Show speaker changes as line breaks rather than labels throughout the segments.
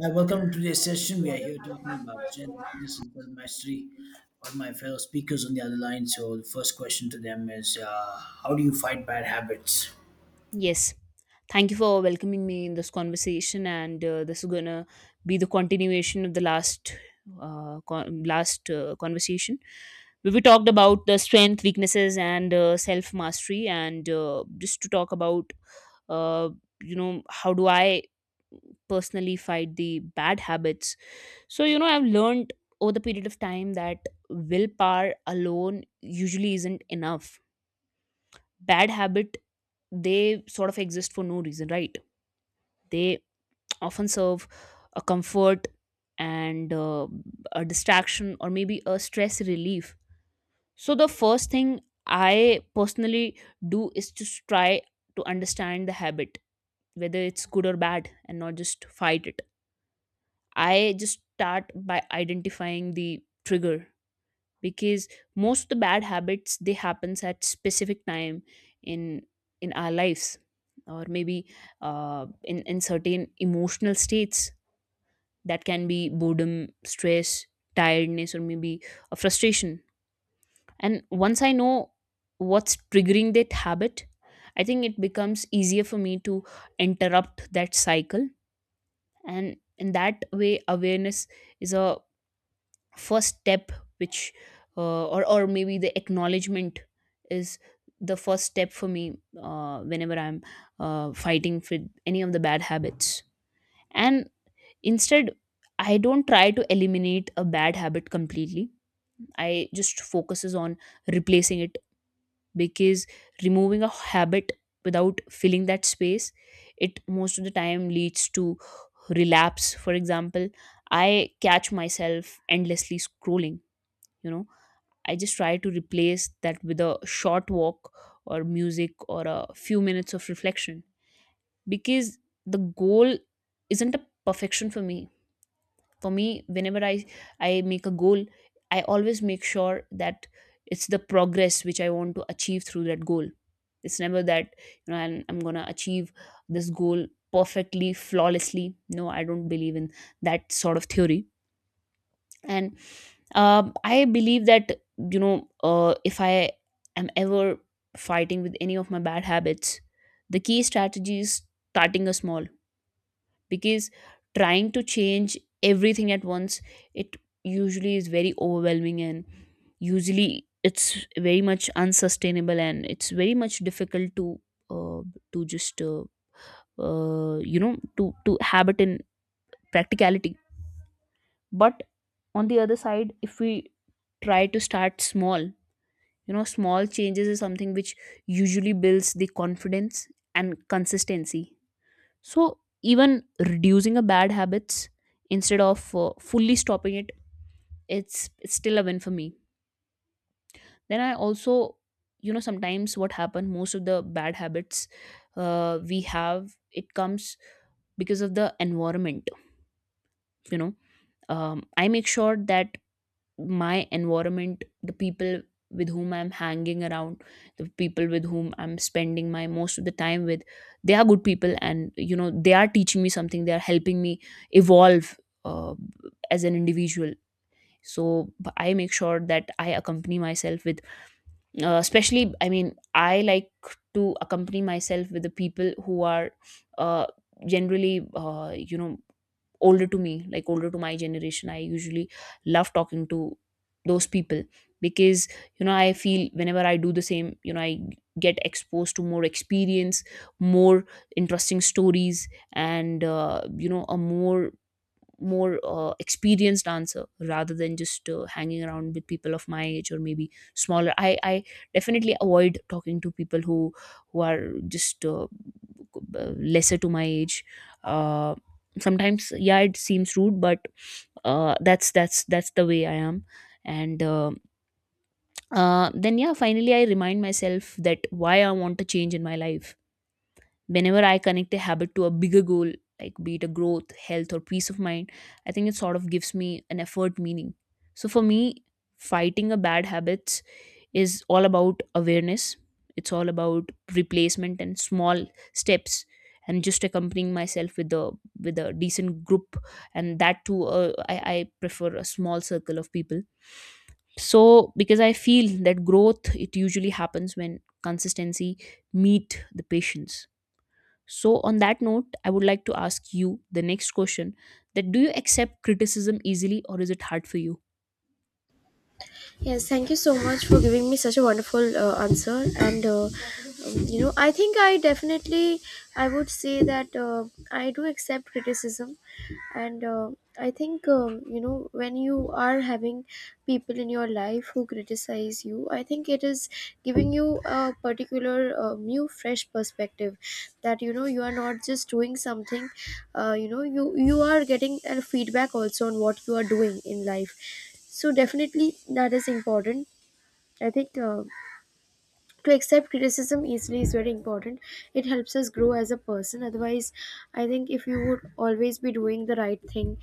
Hi, welcome to today's session. We are here talking about strength, weakness, and self mastery. Got my fellow speakers on the other line. So the first question to them is, how do you fight bad habits?
Yes. Thank you for welcoming me in this conversation, and this is gonna be the continuation of the last conversation. Where We talked about the strength, weaknesses, and self mastery, and just to talk about, uh, how do I personally fight the bad habits. So, you know, I've learned over the period of time that willpower alone usually isn't enough. Bad habit, they sort of exist for no reason, right? They often serve a comfort and a distraction or maybe a stress relief. So the first thing I personally do is to try to understand the habit, whether it's good or bad, and not just fight it. I just start by identifying the trigger, because most of the bad habits, they happens at specific time in in our lives, or maybe in certain emotional states. That can be boredom, stress, tiredness, or maybe a frustration. And once I know what's triggering that habit, I think it becomes easier for me to interrupt that cycle. And in that way, awareness is a first step, which or maybe the acknowledgement is the first step for me, whenever I'm fighting with any of the bad habits. And instead, I don't try to eliminate a bad habit completely. I just focuses on replacing it, because removing a habit without filling that space, it most of the time leads to relapse. For example, I catch myself endlessly scrolling, you know, I just try to replace that with a short walk or music or a few minutes of reflection, because the goal isn't a perfection for me. For me, whenever I make a goal, I always make sure that it's the progress which I want to achieve through that goal. It's never that, you know, I'm going to achieve this goal perfectly, flawlessly. No, I don't believe in that sort of theory. And I believe that, you know, if I am ever fighting with any of my bad habits, the key strategy is starting a small, because trying to change everything at once, it usually is very overwhelming, and usually it's very much unsustainable and it's very much difficult uh, to just you know to habit in practicality. But on the other side, if we try to start small, you know, small changes is something which usually builds the confidence and consistency. So even reducing a bad habits instead of fully stopping it, it's still a win for me. Then I also, you know, sometimes what happen, most of the bad habits we have, it comes because of the environment, you know. I make sure that my environment, the people with whom I'm hanging around, the people with whom I'm spending my most of the time with, they are good people, and you know, they are teaching me something, they are helping me evolve uh, as an individual. So I make sure that I accompany myself with, especially I mean, I like to accompany myself with the people who are uh, generally, you know, older to me, like older to my generation. I usually love talking to those people, because you know, I feel whenever I do the same, you know, I get exposed to more experience, more interesting stories, and you know, a more experienced dancer, rather than just hanging around with people of my age or maybe smaller. I definitely avoid talking to people who who are just lesser to my age. uh, Sometimes, yeah, it seems rude, but that's that's the way I am. And uh, uh, then yeah, finally, I remind myself that why I want a change in my life. Whenever I connect a habit to a bigger goal, like be it a growth, health, or peace of mind, I think it sort of gives me an effort meaning. So for me, fighting a bad habits is all about awareness. It's all about replacement and small steps, and just accompanying myself with a decent group, and that too, I prefer a small circle of people. So because I feel that growth, it usually happens when consistency meet the patience. So, on that note, I would like to ask you the next question, that do you accept criticism easily or is it hard for you?
Yes, thank you so much for giving me such a wonderful answer. And I think I definitely I would say that I do accept criticism and I think when you are having people in your life who criticize you, I think it is giving you a particular new fresh perspective, that you know you are not just doing something, you are getting a feedback also on what you are doing in life. So definitely that is important. I think to accept criticism easily is very important. It helps us grow as a person. Otherwise, I think if you would always be doing the right thing,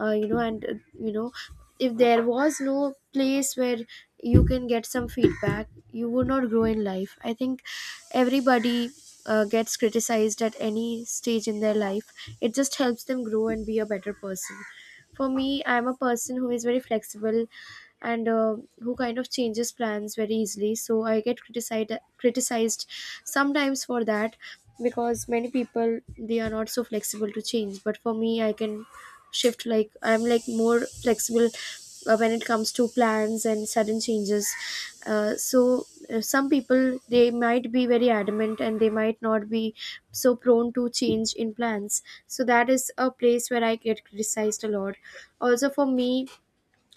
you know and you know if there was no place where you can get some feedback, you would not grow in life. I think everybody gets criticized at any stage in their life. It just helps them grow and be a better person. For me, I'm a person who is very flexible, and who kind of changes plans very easily, so I get criticized sometimes for that, because many people, they are not so flexible to change, but for me, I can shift, like I'm like more flexible when it comes to plans and sudden changes. So some people, they might be very adamant and they might not be so prone to change in plans, so that is a place where I get criticized a lot. Also, for me,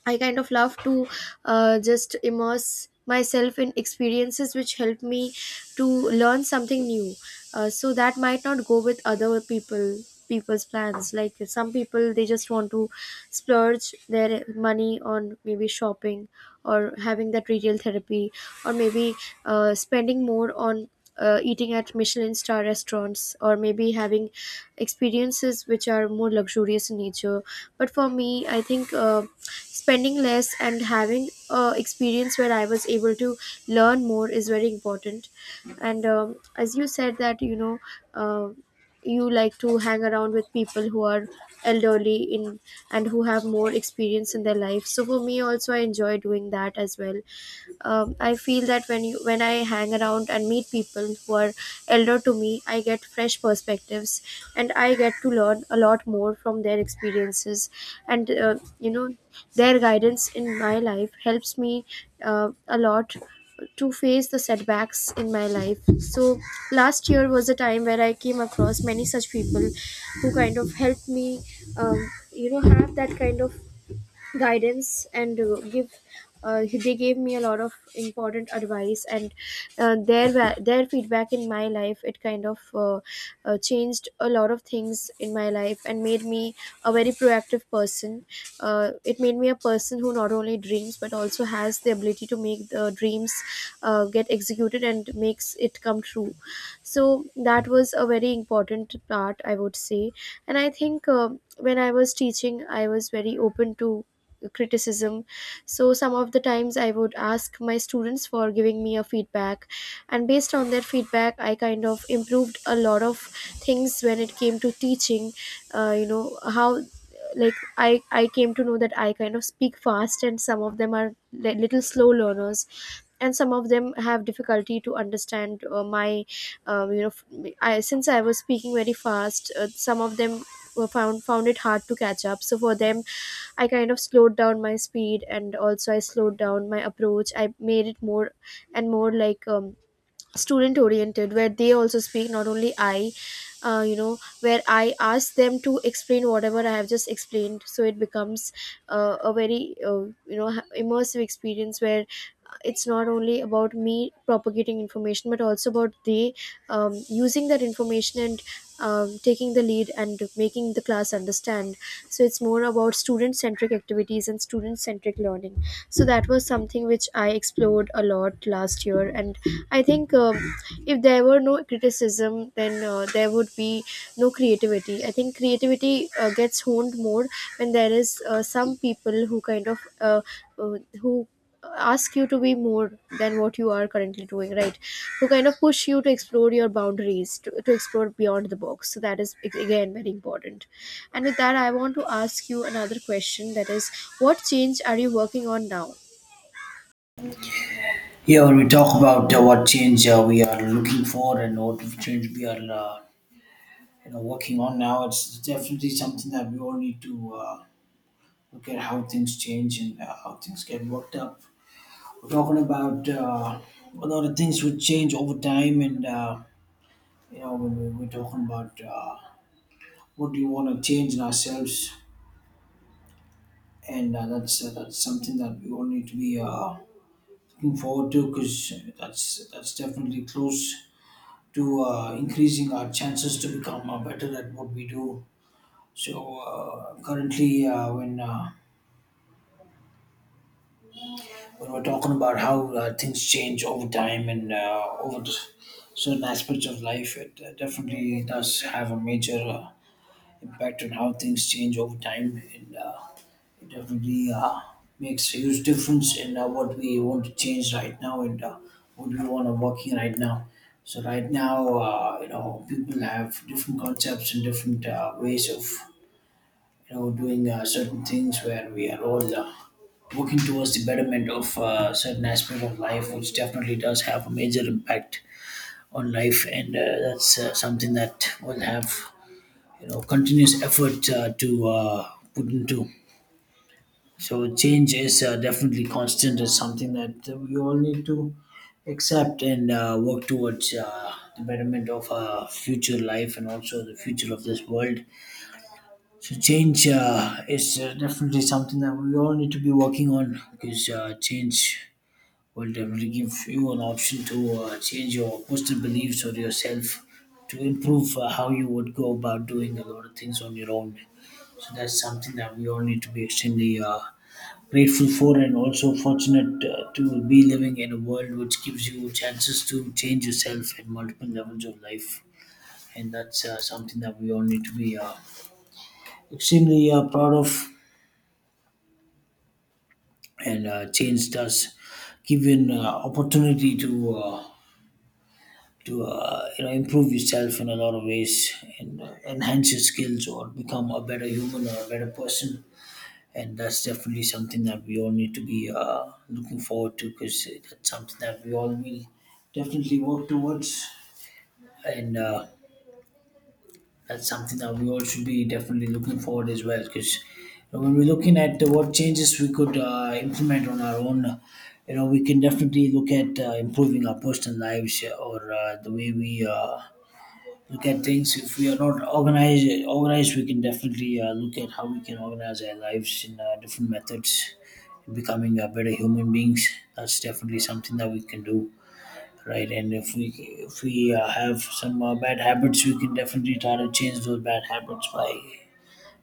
I kind of love to just immerse myself in experiences which help me to learn something new. So that might not go with other people's plans. Like some people, they just want to splurge their money on maybe shopping, or having that retail therapy, or maybe spending more on. Eating at Michelin star restaurants, or maybe having experiences which are more luxurious in nature. But for me, I think spending less and having a experience where I was able to learn more is very important. And as you said that you know, uh, you like to hang around with people who are elderly in, and who have more experience in their life. So for me also, I enjoy doing that as well. I feel that when I hang around and meet people who are elder to me, I get fresh perspectives and I get to learn a lot more from their experiences. And their guidance in my life helps me a lot to face the setbacks in my life. So last year was a time where I came across many such people who kind of helped me, have that kind of guidance, and give they gave me a lot of important advice, and their feedback in my life, it kind of changed a lot of things in my life and made me a very proactive person. It made me a person who not only dreams but also has the ability to make the dreams get executed and makes it come true. So that was a very important part, I would say. And I think when I was teaching, I was very open to criticism, so some of the times I would ask my students for giving me a feedback, and based on that feedback, I kind of improved a lot of things when it came to teaching. How, like I came to know that I kind of speak fast and some of them are little slow learners, and some of them have difficulty to understand my, since I was speaking very fast, some of them were found found it hard to catch up, so for them I kind of slowed down my speed, and also I slowed down my approach. I made it more and more like, student oriented, where they also speak, not only I, where I ask them to explain whatever I have just explained. So it becomes a very, immersive experience, where it's not only about me propagating information but also about they using that information, and taking the lead and making the class understand. So it's more about student centric activities and student centric learning. So that was something which I explored a lot last year. And I think if there were no criticism, then there would be no creativity. I think creativity gets honed more when there is some people who kind of who ask you to be more than what you are currently doing, right, to kind of push you to explore your boundaries, to explore beyond the box. So that is again very important. And with that, I want to ask you another question, that is, what change are you working on now?
Here when we talk about what change we are looking for and what change we are, working on now. It's definitely something that we all need to look at how things change and how things get worked up. We're talking about a lot of things would change over time, and when we're talking about. What do you want to change in ourselves and that's something that we all need to be looking forward to, because that's definitely close to increasing our chances to become better at what we do. So currently when we're talking about how things change over time and over the certain aspects of life, it definitely does have a major impact on how things change over time. And it definitely makes a huge difference in what we want to change right now and what we want to work in right now. So right now, you know, people have different concepts and different ways of you know doing certain things where we are all. Working towards the betterment of certain aspect of life, which definitely does have a major impact on life, and that's something that will have you know continuous effort to put into. So change is definitely constant. It's something that we all need to accept and work towards the betterment of our future life and also the future of this world. So change is definitely something that we all need to be working on, because change will definitely give you an option to change your personal beliefs or yourself, to improve how you would go about doing a lot of things on your own. So that's something that we all need to be extremely grateful for, and also fortunate to be living in a world which gives you chances to change yourself at multiple levels of life. And that's something that we all need to be extremely proud of. And change does give you an opportunity to you know improve yourself in a lot of ways and enhance your skills, or become a better human or a better person. And that's definitely something that we all need to be looking forward to, because that's something that we all will definitely work towards. And that's something that we all should be definitely looking forward as well, because when we're looking at what changes we could implement on our own, you know, we can definitely look at improving our personal lives, or the way we look at things. If we are not organized, we can definitely look at how we can organize our lives in different methods, in becoming better human beings. That's definitely something that we can do, right? And if we have some bad habits, we can definitely try to change those bad habits by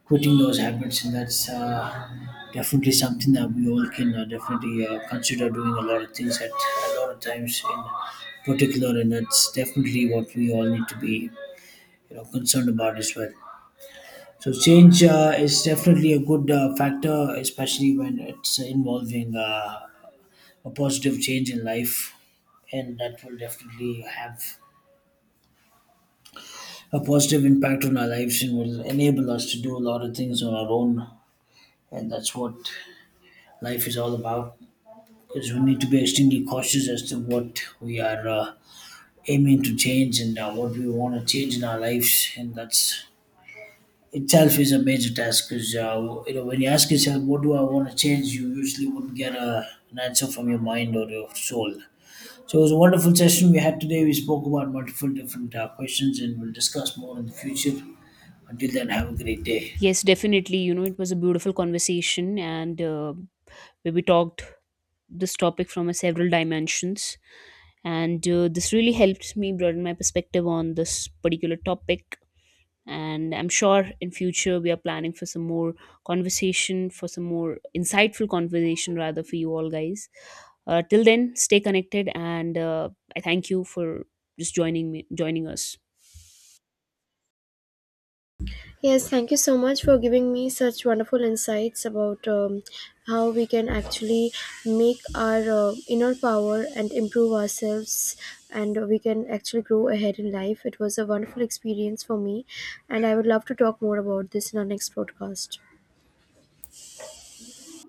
quitting those habits. And that's definitely something that we all can definitely consider, doing a lot of things at a lot of times in particular. And that's definitely what we all need to be you know concerned about as well. So change is definitely a good factor, especially when it's involving a positive change in life, and that will definitely have a positive impact on our lives and will enable us to do a lot of things on our own. And that's what life is all about. Because we need to be extremely cautious as to what we are aiming to change and what we want to change in our lives, and that's itself is a major task. Because you know, when you ask yourself what do I want to change, you usually wouldn't get a, an answer from your mind or your soul. So it was a wonderful session we had today. We spoke about multiple different questions and we'll discuss more in the future. Until then, have a great day.
Yes, definitely. You know, it was a beautiful conversation, and where we talked this topic from a several dimensions, and this really helped me broaden my perspective on this particular topic. And I'm sure in future we are planning for some more conversation, for some more insightful conversation rather, for you all guys. Till then, stay connected, and I thank you for just joining us.
Yes, thank you so much for giving me such wonderful insights about how we can actually make our inner power and improve ourselves, and we can actually grow ahead in life. It was a wonderful experience for me, and I would love to talk more about this in our next podcast.